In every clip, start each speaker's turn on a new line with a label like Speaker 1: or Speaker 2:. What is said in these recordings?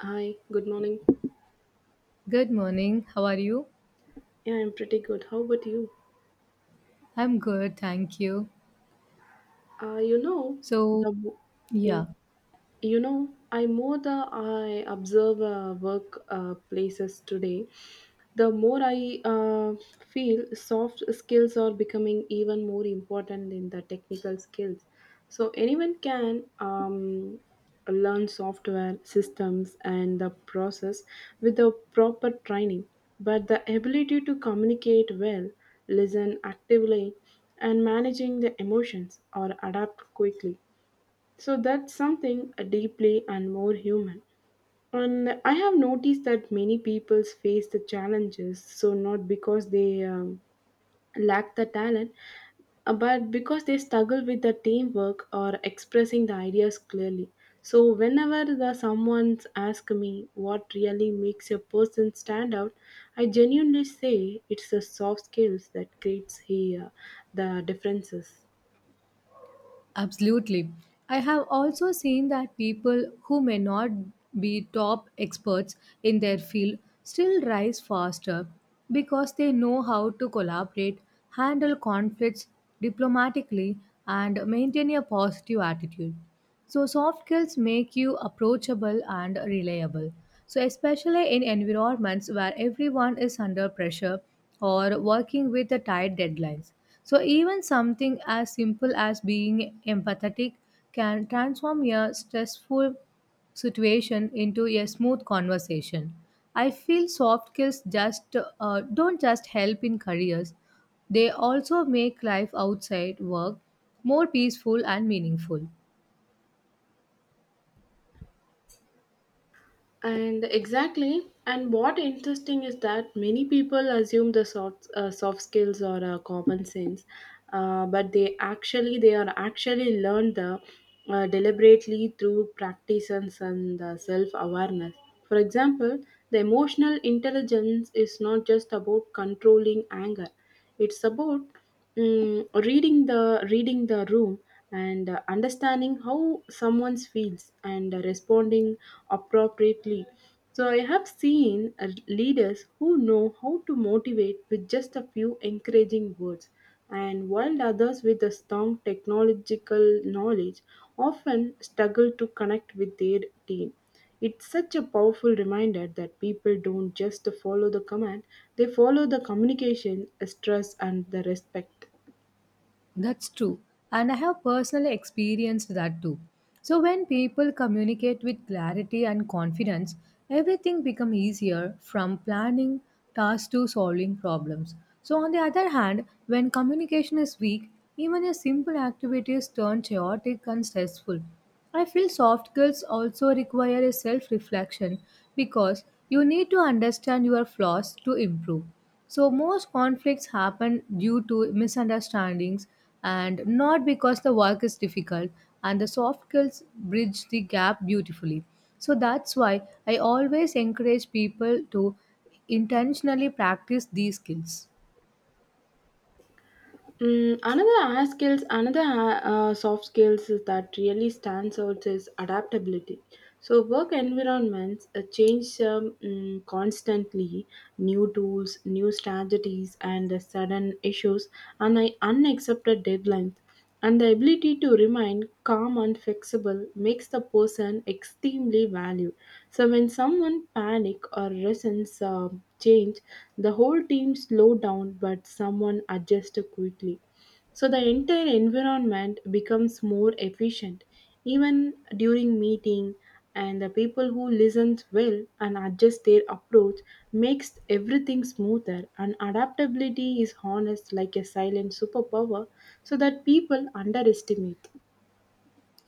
Speaker 1: Hi, good morning.
Speaker 2: Good morning. How are you?
Speaker 1: Yeah, I'm pretty good. How about you?
Speaker 2: I'm good, thank you.
Speaker 1: You know,
Speaker 2: So,
Speaker 1: the mo- yeah,
Speaker 2: yeah,
Speaker 1: you know, I more the I observe work places today. The more I feel, soft skills are becoming even more important than the technical skills. So anyone can learn software systems and the process with the proper training, but the ability to communicate well, listen actively, and managing the emotions or adapt quickly. So that's something deeply and more human. And I have noticed that many people face the challenges, so not because they lack the talent, but because they struggle with the teamwork or expressing the ideas clearly. So whenever the someone's ask me what really makes a person stand out, I genuinely say it's the soft skills that creates here the differences.
Speaker 2: absolutely. I have also seen that people who may not be top experts in their field still rise faster because they know how to collaborate, handle conflicts diplomatically, and maintain a positive attitude. So soft skills make you approachable and reliable, so especially in environments where everyone is under pressure or working with the tight deadlines. So even something as simple as being empathetic can transform your stressful situation into a smooth conversation. I feel soft skills just don't just help in careers. They also make life outside work more peaceful and meaningful.
Speaker 1: And exactly, and what interesting is that many people assume the soft skills are common sense, but they are actually learned deliberately through practices and self awareness. For example, the emotional intelligence is not just about controlling anger; it's about reading the room and understanding how someone feels and responding appropriately. So I have seen leaders who know how to motivate with just a few encouraging words and while others with a strong technological knowledge often struggle to connect with their team. It's such a powerful reminder that people don't just follow the command, they follow the communication, stress, and the respect.
Speaker 2: That's true. And I have personally experienced that too. So when people communicate with clarity and confidence, everything becomes easier, from planning tasks to solving problems. So on the other hand, when communication is weak, even a simple activity is turned chaotic and stressful. I feel soft skills also require a self reflection because you need to understand your flaws to improve. So, most conflicts happen due to misunderstandings and not because the work is difficult, and the soft skills bridge the gap beautifully. So, that's why I always encourage people to intentionally practice these skills.
Speaker 1: Another hard skills, another soft skills is that really stands out is adaptability. So work environments change constantly, new tools, new strategies, and sudden issues, and I unaccepted deadlines. And the ability to remain calm and flexible makes the person extremely valued. So when someone panic or resents change, the whole team slow down, but someone adjusts quickly, so the entire environment becomes more efficient even during meeting. And the people who listens well and adjust their approach makes everything smoother, and adaptability is honest like a silent superpower so that people underestimate.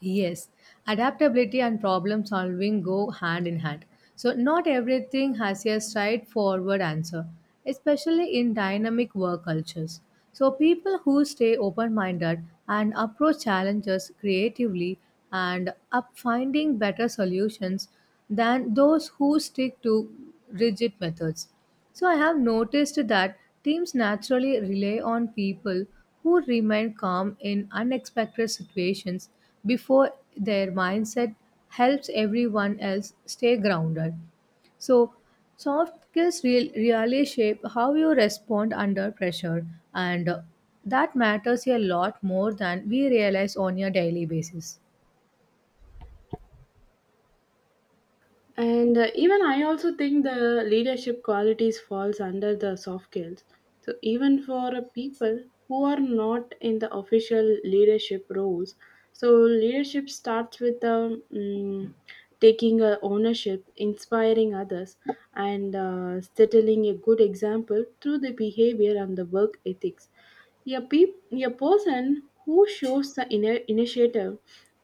Speaker 2: Yes, adaptability and problem solving go hand in hand. So, not everything has a straightforward answer, especially in dynamic work cultures. So, people who stay open minded and approach challenges creatively and up finding better solutions than those who stick to rigid methods. So I have noticed that teams naturally rely on people who remain calm in unexpected situations before their mindset helps everyone else stay grounded. So soft skills really shape how you respond under pressure, and that matters a lot more than we realize on a daily basis.
Speaker 1: And even I also think the leadership qualities falls under the soft skills so even for people who are not in the official leadership roles. So leadership starts with taking ownership, inspiring others and settling a good example through the behavior and the work ethics. A person who shows the initiative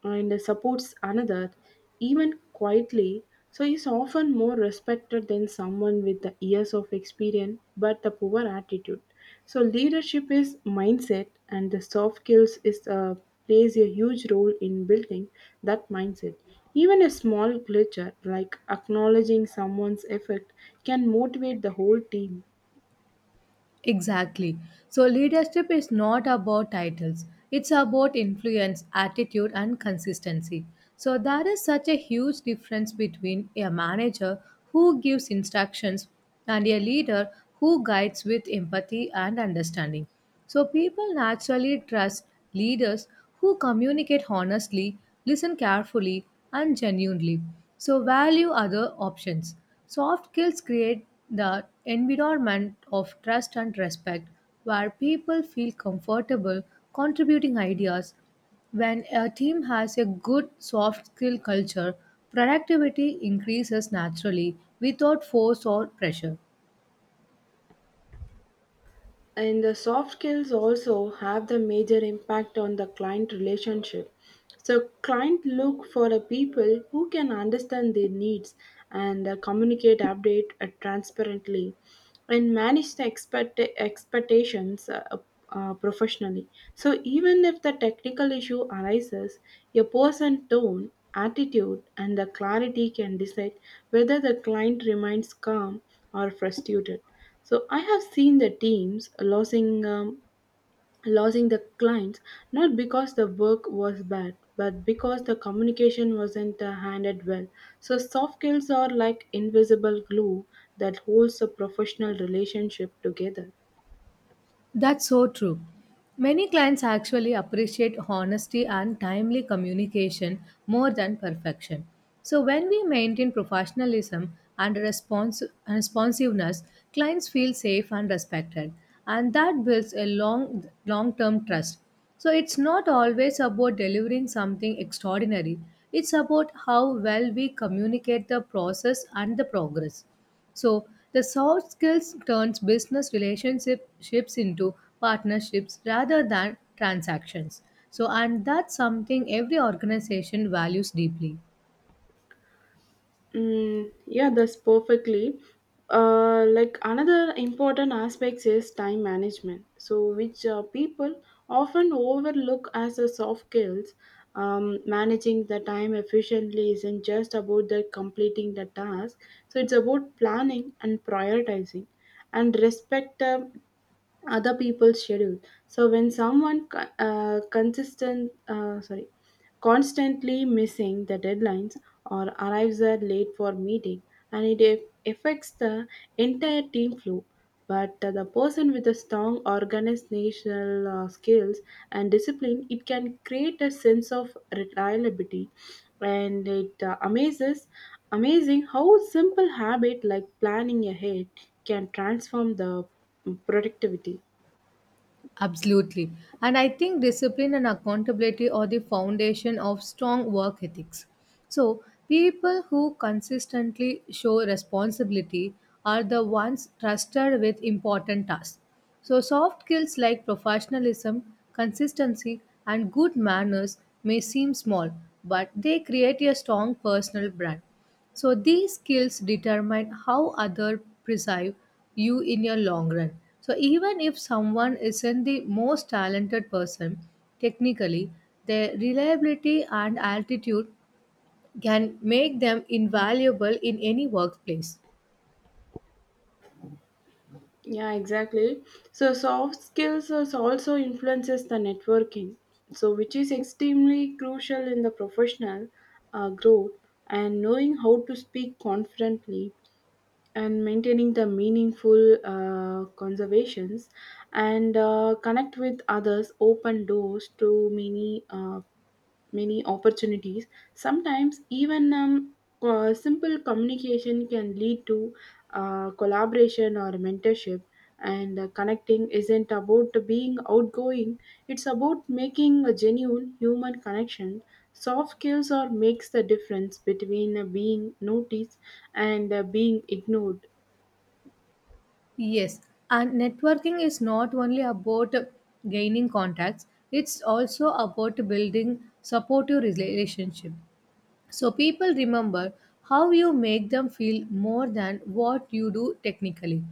Speaker 1: and supports another even quietly, so is often more respected than someone with the years of experience but the poor attitude. So leadership is mindset, and the soft skills is plays a huge role in building that mindset. Even a small glitch like acknowledging someone's effort can motivate the whole team.
Speaker 2: Exactly. So, leadership is not about titles, it's about influence, attitude, and consistency. So, there is such a huge difference between a manager who gives instructions and a leader who guides with empathy and understanding. So people naturally trust leaders who communicate honestly, listen carefully, and genuinely. So value other options. Soft skills create the environment of trust and respect where people feel comfortable contributing ideas. When a team has a good soft skill culture, productivity increases naturally without force or pressure.
Speaker 1: And the soft skills also have the major impact on the client relationship. So client look for a people who can understand their needs and communicate update transparently and manage the expectations professionally. So even if the technical issue arises, a person tone attitude and the clarity can decide whether the client remains calm or frustrated. So I have seen the teams losing the clients not because the work was bad, but because the communication wasn't handled well. So soft skills are like invisible glue that holds a professional relationship together.
Speaker 2: That's so true. Many clients actually appreciate honesty and timely communication more than perfection. So, when we maintain professionalism and responsiveness, clients feel safe and respected, and that builds a long long term trust. So, it's not always about delivering something extraordinary, it's about how well we communicate the process and the progress. So the soft skills turns business relationships into partnerships rather than transactions. So and that's something every organization values deeply.
Speaker 1: Yeah, that's perfectly. Like another important aspect is time management, so which people often overlook as a soft skills. Managing the time efficiently isn't just about the completing the task, so it's about planning and prioritizing, and respect the other people's schedule. So when someone constantly missing the deadlines or arrives at late for meeting, and it affects the entire team flow. But the person with a strong organizational skills and discipline it can create a sense of reliability, and it amazes amazing how simple habit like planning ahead can transform the productivity.
Speaker 2: Absolutely. And I think discipline and accountability are the foundation of strong work ethics. So, people who consistently show responsibility are the ones trusted with important tasks. So, soft skills like professionalism, consistency, and good manners may seem small, but they create a strong personal brand. So these skills determine how other perceive you in your long run. So even if someone isn't the most talented person technically, their reliability and altitude can make them invaluable in any workplace.
Speaker 1: Yeah, exactly. So soft skills is also influences the networking, so which is extremely crucial in the professional growth. And knowing how to speak confidently and maintaining the meaningful conversations and connect with others open doors to many opportunities. Sometimes, even simple communication can lead to collaboration or mentorship. And connecting isn't about being outgoing, it's about making a genuine human connection. Soft skills or makes the difference between being noticed and being ignored.
Speaker 2: Yes, and networking is not only about gaining contacts, it's also about building supportive relationship. So people remember how you make them feel more than what you do technically.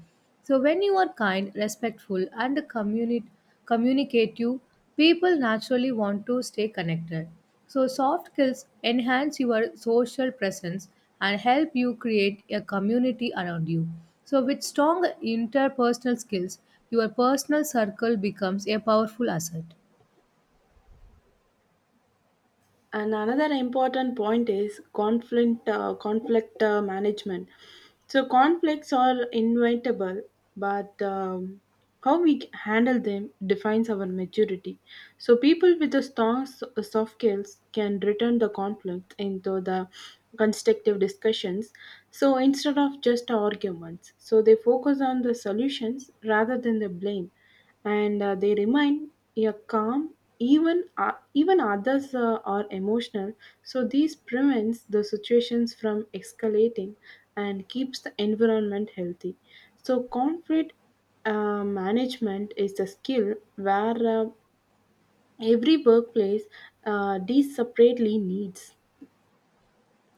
Speaker 2: So when you are kind, respectful, and communicative, people naturally want to stay connected. So soft skills enhance your social presence and help you create a community around you. So with strong interpersonal skills, your personal circle becomes a powerful asset.
Speaker 1: And another important point is conflict management. So conflicts are inevitable, but how we handle them defines our maturity. So people with a strong soft skills can return the conflict into the constructive discussions. So instead of just arguments, so they focus on the solutions rather than the blame, and they remain, yeah, calm even others are emotional. So this prevents the situations from escalating and keeps the environment healthy. So conflict management is a skill where every workplace these separately needs.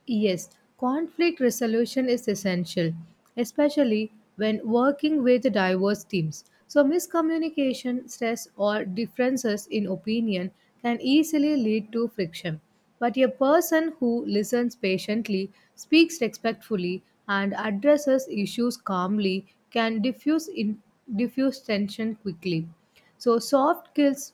Speaker 2: Yes, conflict resolution is essential, especially when working with diverse teams. So, miscommunication, stress, or differences in opinion can easily lead to friction. But a person who listens patiently, speaks respectfully, and addresses issues calmly can diffuse tension quickly. So,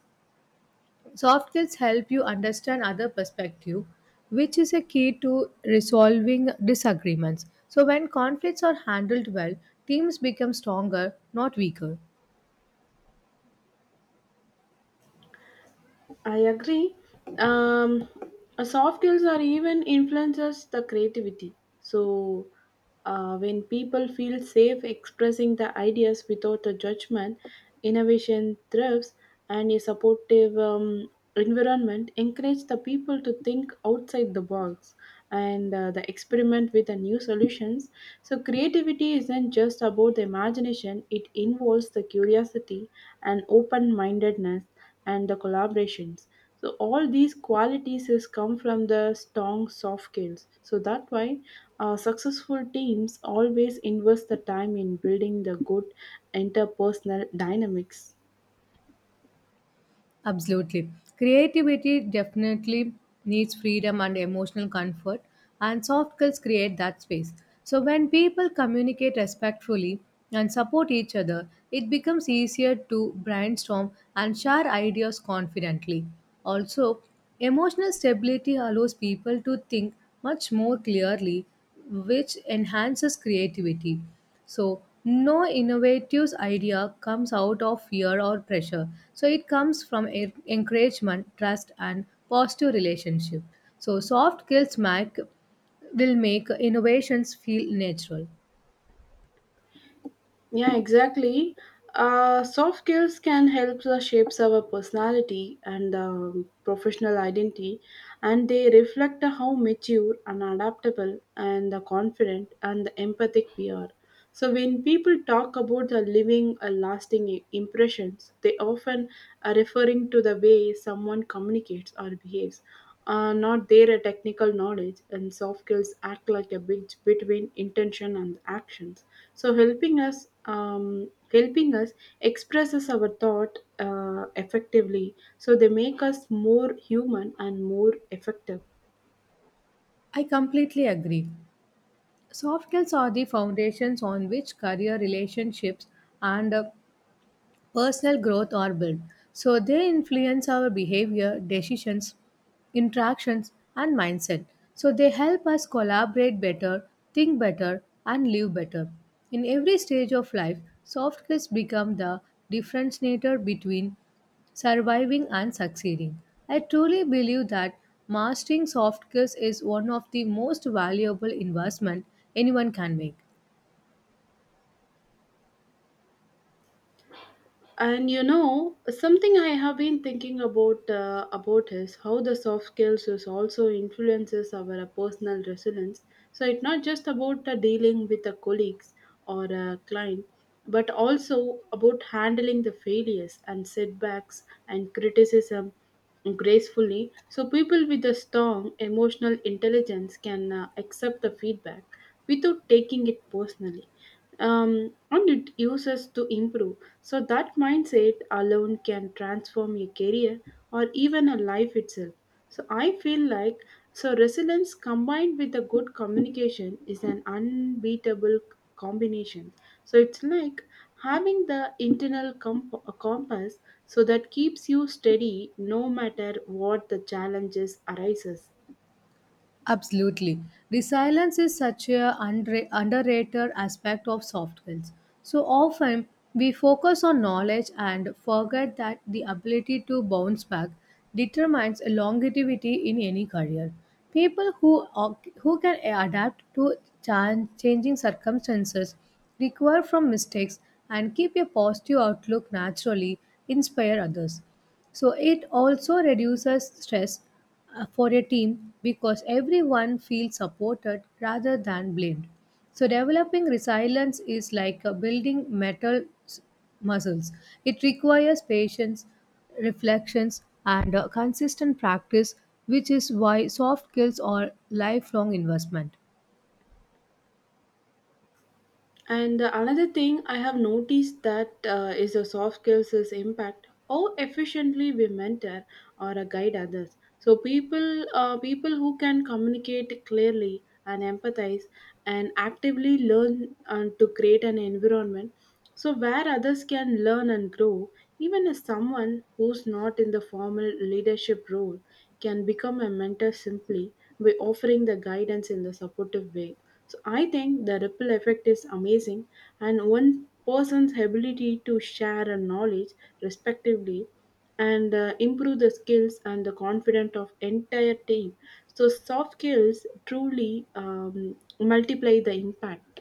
Speaker 2: soft skills help you understand other perspective, which is a key to resolving disagreements. So when conflicts are handled well, teams become stronger, not weaker.
Speaker 1: I agree. Um, soft skills are even influences the creativity. So when people feel safe expressing the ideas without the judgment, innovation thrives, and a supportive environment encourage the people to think outside the box and the experiment with the new solutions. So creativity isn't just about the imagination; it involves the curiosity and open-mindedness and the collaborations. So all these qualities is come from the strong soft skills. So that why successful teams always invest the time in building the good interpersonal dynamics.
Speaker 2: Absolutely. Creativity definitely needs freedom and emotional comfort, and soft skills create that space. So, when people communicate respectfully and support each other, it becomes easier to brainstorm and share ideas confidently. Also, emotional stability allows people to think much more clearly, which enhances creativity. So no innovative idea comes out of fear or pressure. So it comes from encouragement, trust, and positive relationship. So soft skills make will make innovations feel natural.
Speaker 1: Yeah, exactly. Soft skills can help us shapes our personality and professional identity, and they reflect how mature and adaptable and the confident and the empathic we are. So when people talk about the living a lasting impressions, they often are referring to the way someone communicates or behaves, not their technical knowledge. And soft skills act like a bridge between intention and actions, so helping us expresses our thought effectively, so they make us more human and more effective.
Speaker 2: I completely agree. Soft skills are the foundations on which career relationships and personal growth or built. So they influence our behavior, decisions, interactions, and mindset. So they help us collaborate better, think better, and live better. In every stage of life, soft skills become the differentiator between surviving and succeeding. I truly believe that mastering soft skills is one of the most valuable investment anyone can make.
Speaker 1: And you know, something I have been thinking about is how the soft skills is also influences our personal resilience. So it's not just about dealing with the colleagues or a client, but also about handling the failures and setbacks and criticism gracefully. So people with a strong emotional intelligence can accept the feedback without taking it personally, and it uses to improve, so that mindset alone can transform a career or even a life itself. So I feel like, so resilience combined with a good communication is an unbeatable combination. So it's like having the internal compass, so that keeps you steady no matter what the challenges arises.
Speaker 2: Absolutely. Resilience is such a underrated aspect of soft skills. So often we focus on knowledge and forget that the ability to bounce back determines longevity in any career. People are- who can adapt to changing circumstances, recover from mistakes, and keep a positive outlook naturally inspire others. So it also reduces stress for a team because everyone feels supported rather than blamed. So developing resilience is like building muscles. It requires patience, reflections, and consistent practice, which is why soft skills are lifelong investment.
Speaker 1: And another thing I have noticed that is the soft skills is impact how efficiently we mentor or guide others. So people who can communicate clearly and empathize and actively learn to create an environment so where others can learn and grow. Even as someone who's not in the formal leadership role, can become a mentor simply by offering the guidance in the supportive way. So I think the ripple effect is amazing, and one person's ability to share a knowledge respectively and improve the skills and the confidence of entire team, so soft skills truly multiply the impact.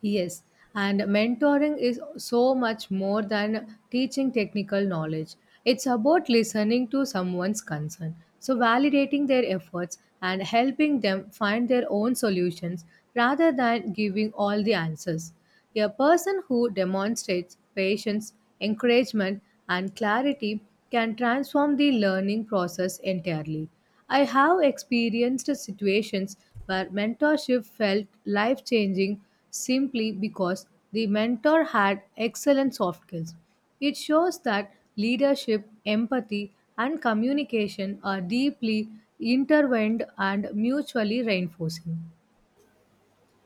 Speaker 2: Yes, and mentoring is so much more than teaching technical knowledge. It's about listening to someone's concern, so validating their efforts and helping them find their own solutions rather than giving all the answers. A person who demonstrates patience, encouragement, and clarity can transform the learning process entirely. I have experienced situations where mentorship felt life changing simply because the mentor had excellent soft skills. It shows that leadership, empathy, and communication are deeply intertwined and mutually reinforcing.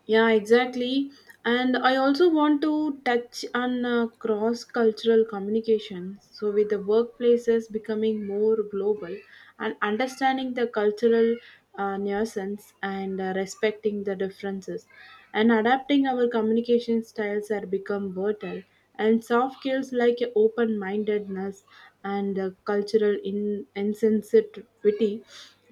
Speaker 1: Yeah, exactly. And I also want to touch on cross cultural communication. So, with the workplaces becoming more global, and understanding the cultural nuisance and respecting the differences and adapting our communication styles are become vital. And soft skills like open-mindedness and cultural insensitivity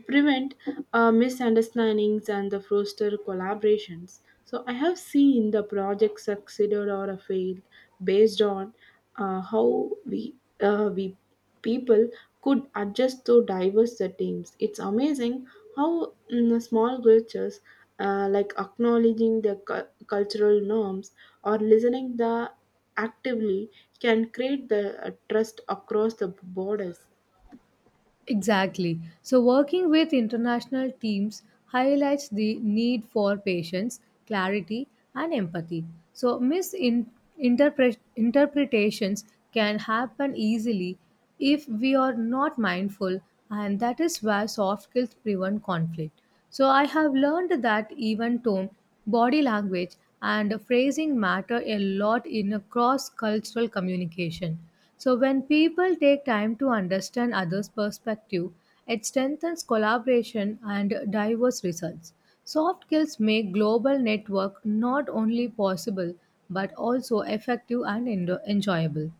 Speaker 1: prevent misunderstandings and the foster collaborations. So I have seen the project succeeded or failed based on how we people could adjust to diverse settings. It's amazing how small gestures like acknowledging the cultural norms or listening the actively can create the trust across the borders.
Speaker 2: Exactly. So, working with international teams highlights the need for patience, clarity, and empathy. So, misinterpretations can happen easily if we are not mindful, and that is where soft skills prevent conflict. So, I have learned that even tone, body language, and phrasing matter a lot in a cross cultural communication. So when people take time to understand others' perspective, it strengthens collaboration and diverse results. Soft skills make global network not only possible but also effective and enjoyable.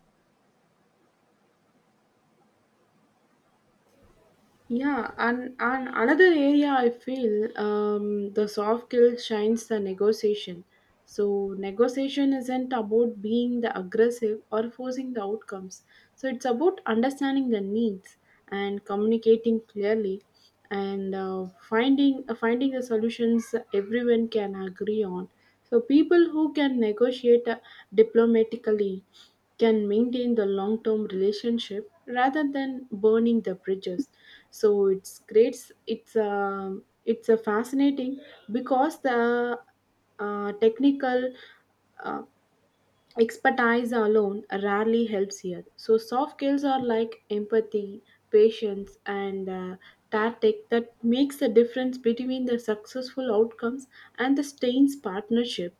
Speaker 1: Yeah, and another area I feel the soft skill shines the negotiation. So negotiation isn't about being the aggressive or forcing the outcomes. So it's about understanding the needs and communicating clearly and finding the solutions everyone can agree on. So people who can negotiate diplomatically can maintain the long term relationship rather than burning the bridges. So it's great, it's a it's a fascinating because the technical uh, expertise alone rarely helps here. So soft skills are like empathy, patience and tactic that makes the difference between the successful outcomes and the stains partnership.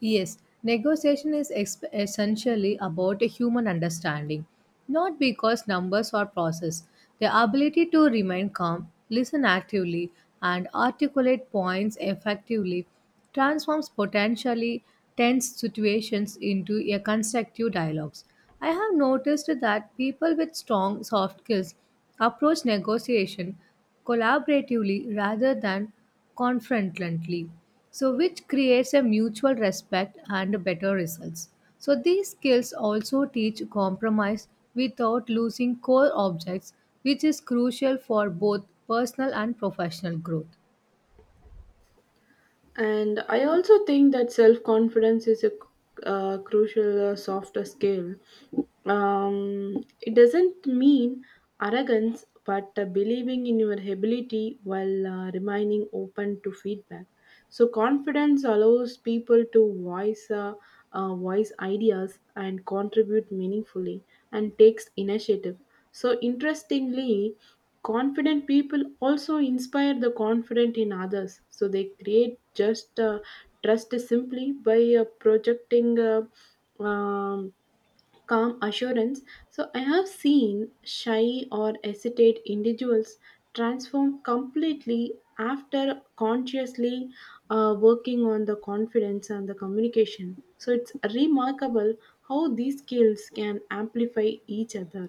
Speaker 2: Yes, negotiation is essentially about a human understanding, not because numbers or process. The ability to remain calm, listen actively, and articulate points effectively transforms potentially tense situations into a constructive dialogues. I have noticed that people with strong soft skills approach negotiation collaboratively rather than confidently, so which creates a mutual respect and better results. So these skills also teach compromise without losing core objects, which is crucial for both personal and professional growth.
Speaker 1: And I also think that self confidence is a crucial softer skill. It doesn't mean arrogance, but believing in your ability while remaining open to feedback. So confidence allows people to voice ideas and contribute meaningfully and takes initiative. So, interestingly, confident people also inspire the confident in others. So, they create just trust simply by projecting um, calm assurance. So, I have seen shy or hesitate individuals transform completely after consciously working on the confidence and the communication. So, it's remarkable how these skills can amplify each other.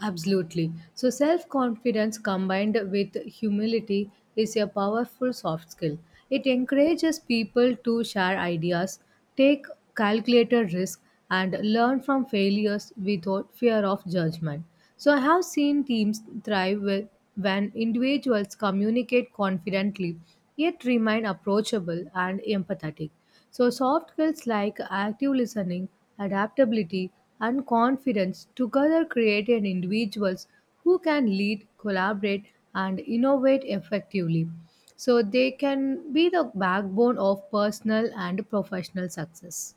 Speaker 2: Absolutely. So, self confidence combined with humility is a powerful soft skill. It encourages people to share ideas, take calculated risks, and learn from failures without fear of judgment. So, I have seen teams when individuals communicate confidently yet remain approachable and empathetic. So, soft skills like active listening, adaptability, and confidence together create an individuals who can lead, collaborate, and innovate effectively. So, they can be the backbone of personal and professional success.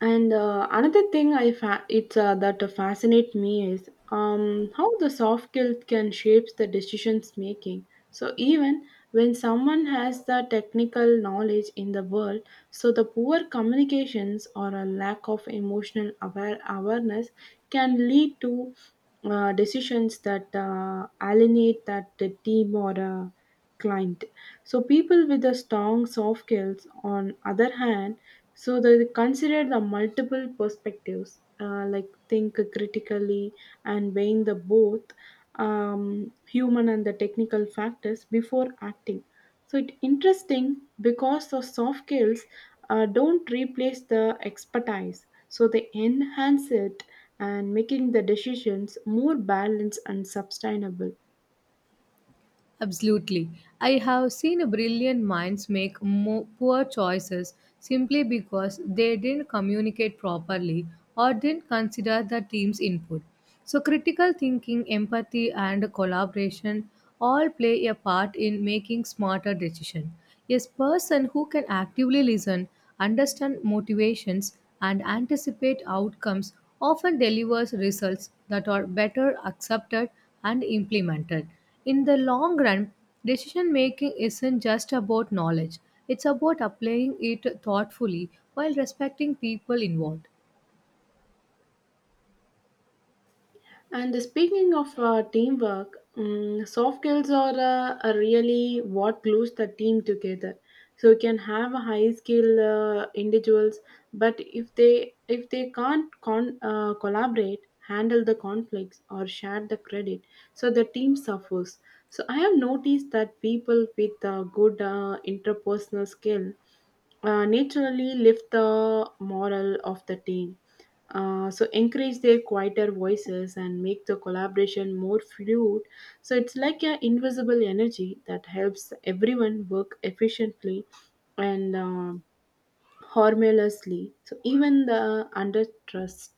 Speaker 1: And another thing I fa- it's that fascinate me is how the soft guilt can shape the decisions making. So even when someone has the technical knowledge in the world, so the poor communications or a lack of emotional awareness can lead to decisions that alienate that the team or client. So people with the strong soft skills, on other hand, so they consider the multiple perspectives, like think critically and weighing the both human and the technical factors before acting. So it's interesting because the soft skills don't replace the expertise, so they enhance it and making the decisions more balanced and sustainable.
Speaker 2: Absolutely. I have seen brilliant minds make poor choices simply because they didn't communicate properly or didn't consider the team's input. So, critical thinking, empathy, and collaboration all play a part in making smarter decisions. A person who can actively listen, understand motivations, and anticipate outcomes often delivers results that are better accepted and implemented. In the long run, decision making isn't just about knowledge, it's about applying it thoughtfully while respecting people involved.
Speaker 1: And speaking of teamwork, soft skills are really what glues the team together. So you can have a high skill individuals, but if they can't collaborate, handle the conflicts, or share the credit, so the team suffers. So I have noticed that people with good interpersonal skill naturally lift the morale of the team. So encourage their quieter voices and make the collaboration more fluid. So it's like an invisible energy that helps everyone work efficiently and harmlessly. So even the under trust.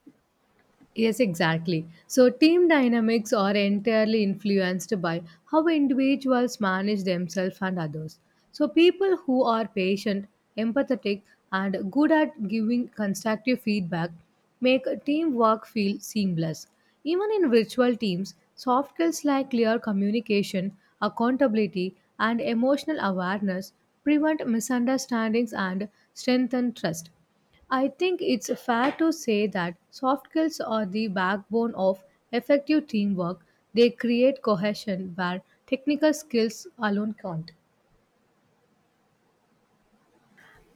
Speaker 2: Yes, exactly. So, team dynamics are entirely influenced by how individuals manage themselves and others. So, people who are patient, empathetic, and good at giving constructive feedback make teamwork feel seamless. Even in virtual teams, soft skills like clear communication, accountability, and emotional awareness prevent misunderstandings and strengthen trust. I think it's fair to say that soft skills are the backbone of effective teamwork. They create cohesion where technical skills alone can't.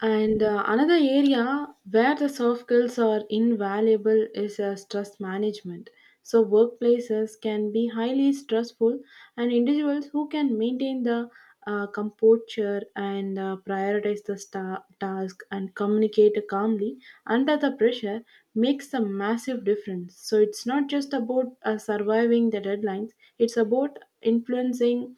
Speaker 1: And another area where the soft skills are invaluable is stress management. So, workplaces can be highly stressful, and individuals who can maintain the composure and prioritize the task and communicate calmly under the pressure makes a massive difference. So, it's not just about surviving the deadlines, it's about influencing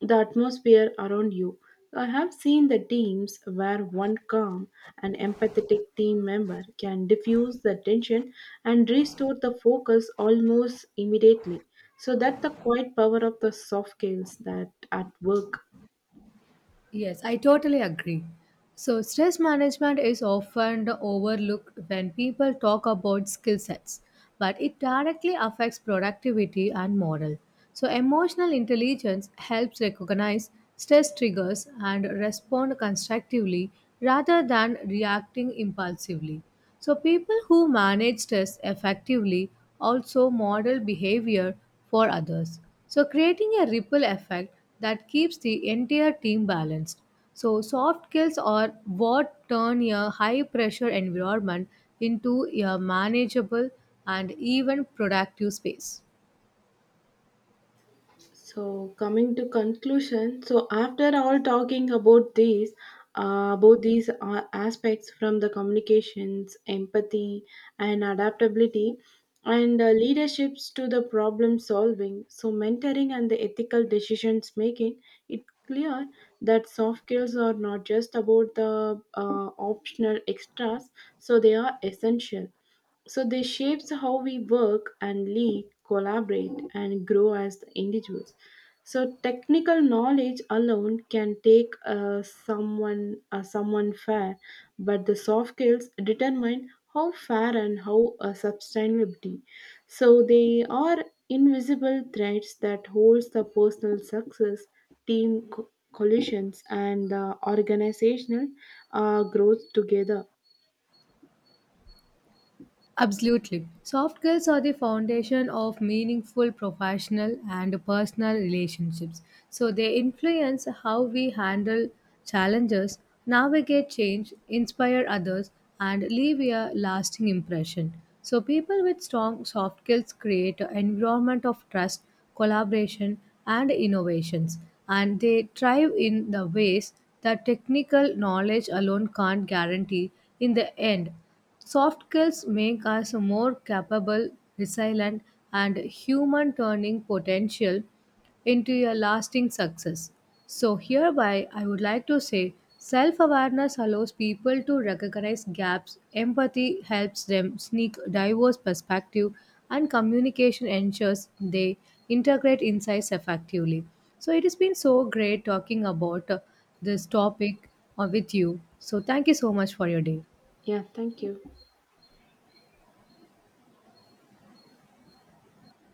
Speaker 1: the atmosphere around you. I have seen the teams where one calm and empathetic team member can diffuse the tension and restore the focus almost immediately. So that the quiet power of the soft skills that at work.
Speaker 2: Yes, I totally agree. So, stress management is often overlooked when people talk about skill sets, but it directly affects productivity and morale. So, emotional intelligence helps recognize stress triggers and respond constructively rather than reacting impulsively. So, people who manage stress effectively also model behavior for others, so creating a ripple effect that keeps the entire team balanced. So, soft skills are what turn a high pressure environment into a manageable and even productive space.
Speaker 1: So coming to conclusion, so after all talking about these, both these aspects from the communications, empathy, and adaptability, and leaderships to the problem solving, so mentoring and the ethical decisions making, it clear that soft skills are not just about the optional extras, so they are essential, so they shapes how we work and lead, collaborate and grow as the individuals. So technical knowledge alone can take someone fair, but the soft skills determine how fair and how sustainability. So they are invisible threads that holds the personal success, team collisions, and organizational growth together.
Speaker 2: Absolutely. Soft skills are the foundation of meaningful professional and personal relationships. So they influence how we handle challenges, navigate change, inspire others, and leave a lasting impression. So people with strong soft skills create an environment of trust, collaboration, and innovations, and they thrive in the ways that technical knowledge alone can't guarantee in the end. Soft skills make us more capable, resilient, and human turning potential into a lasting success. So, hereby, I would like to say self awareness allows people to recognize gaps, empathy helps them sneak diverse perspective, and communication ensures they integrate insights effectively. So, it has been so great talking about this topic with you. So, thank you so much for your day.
Speaker 1: Yeah, thank you.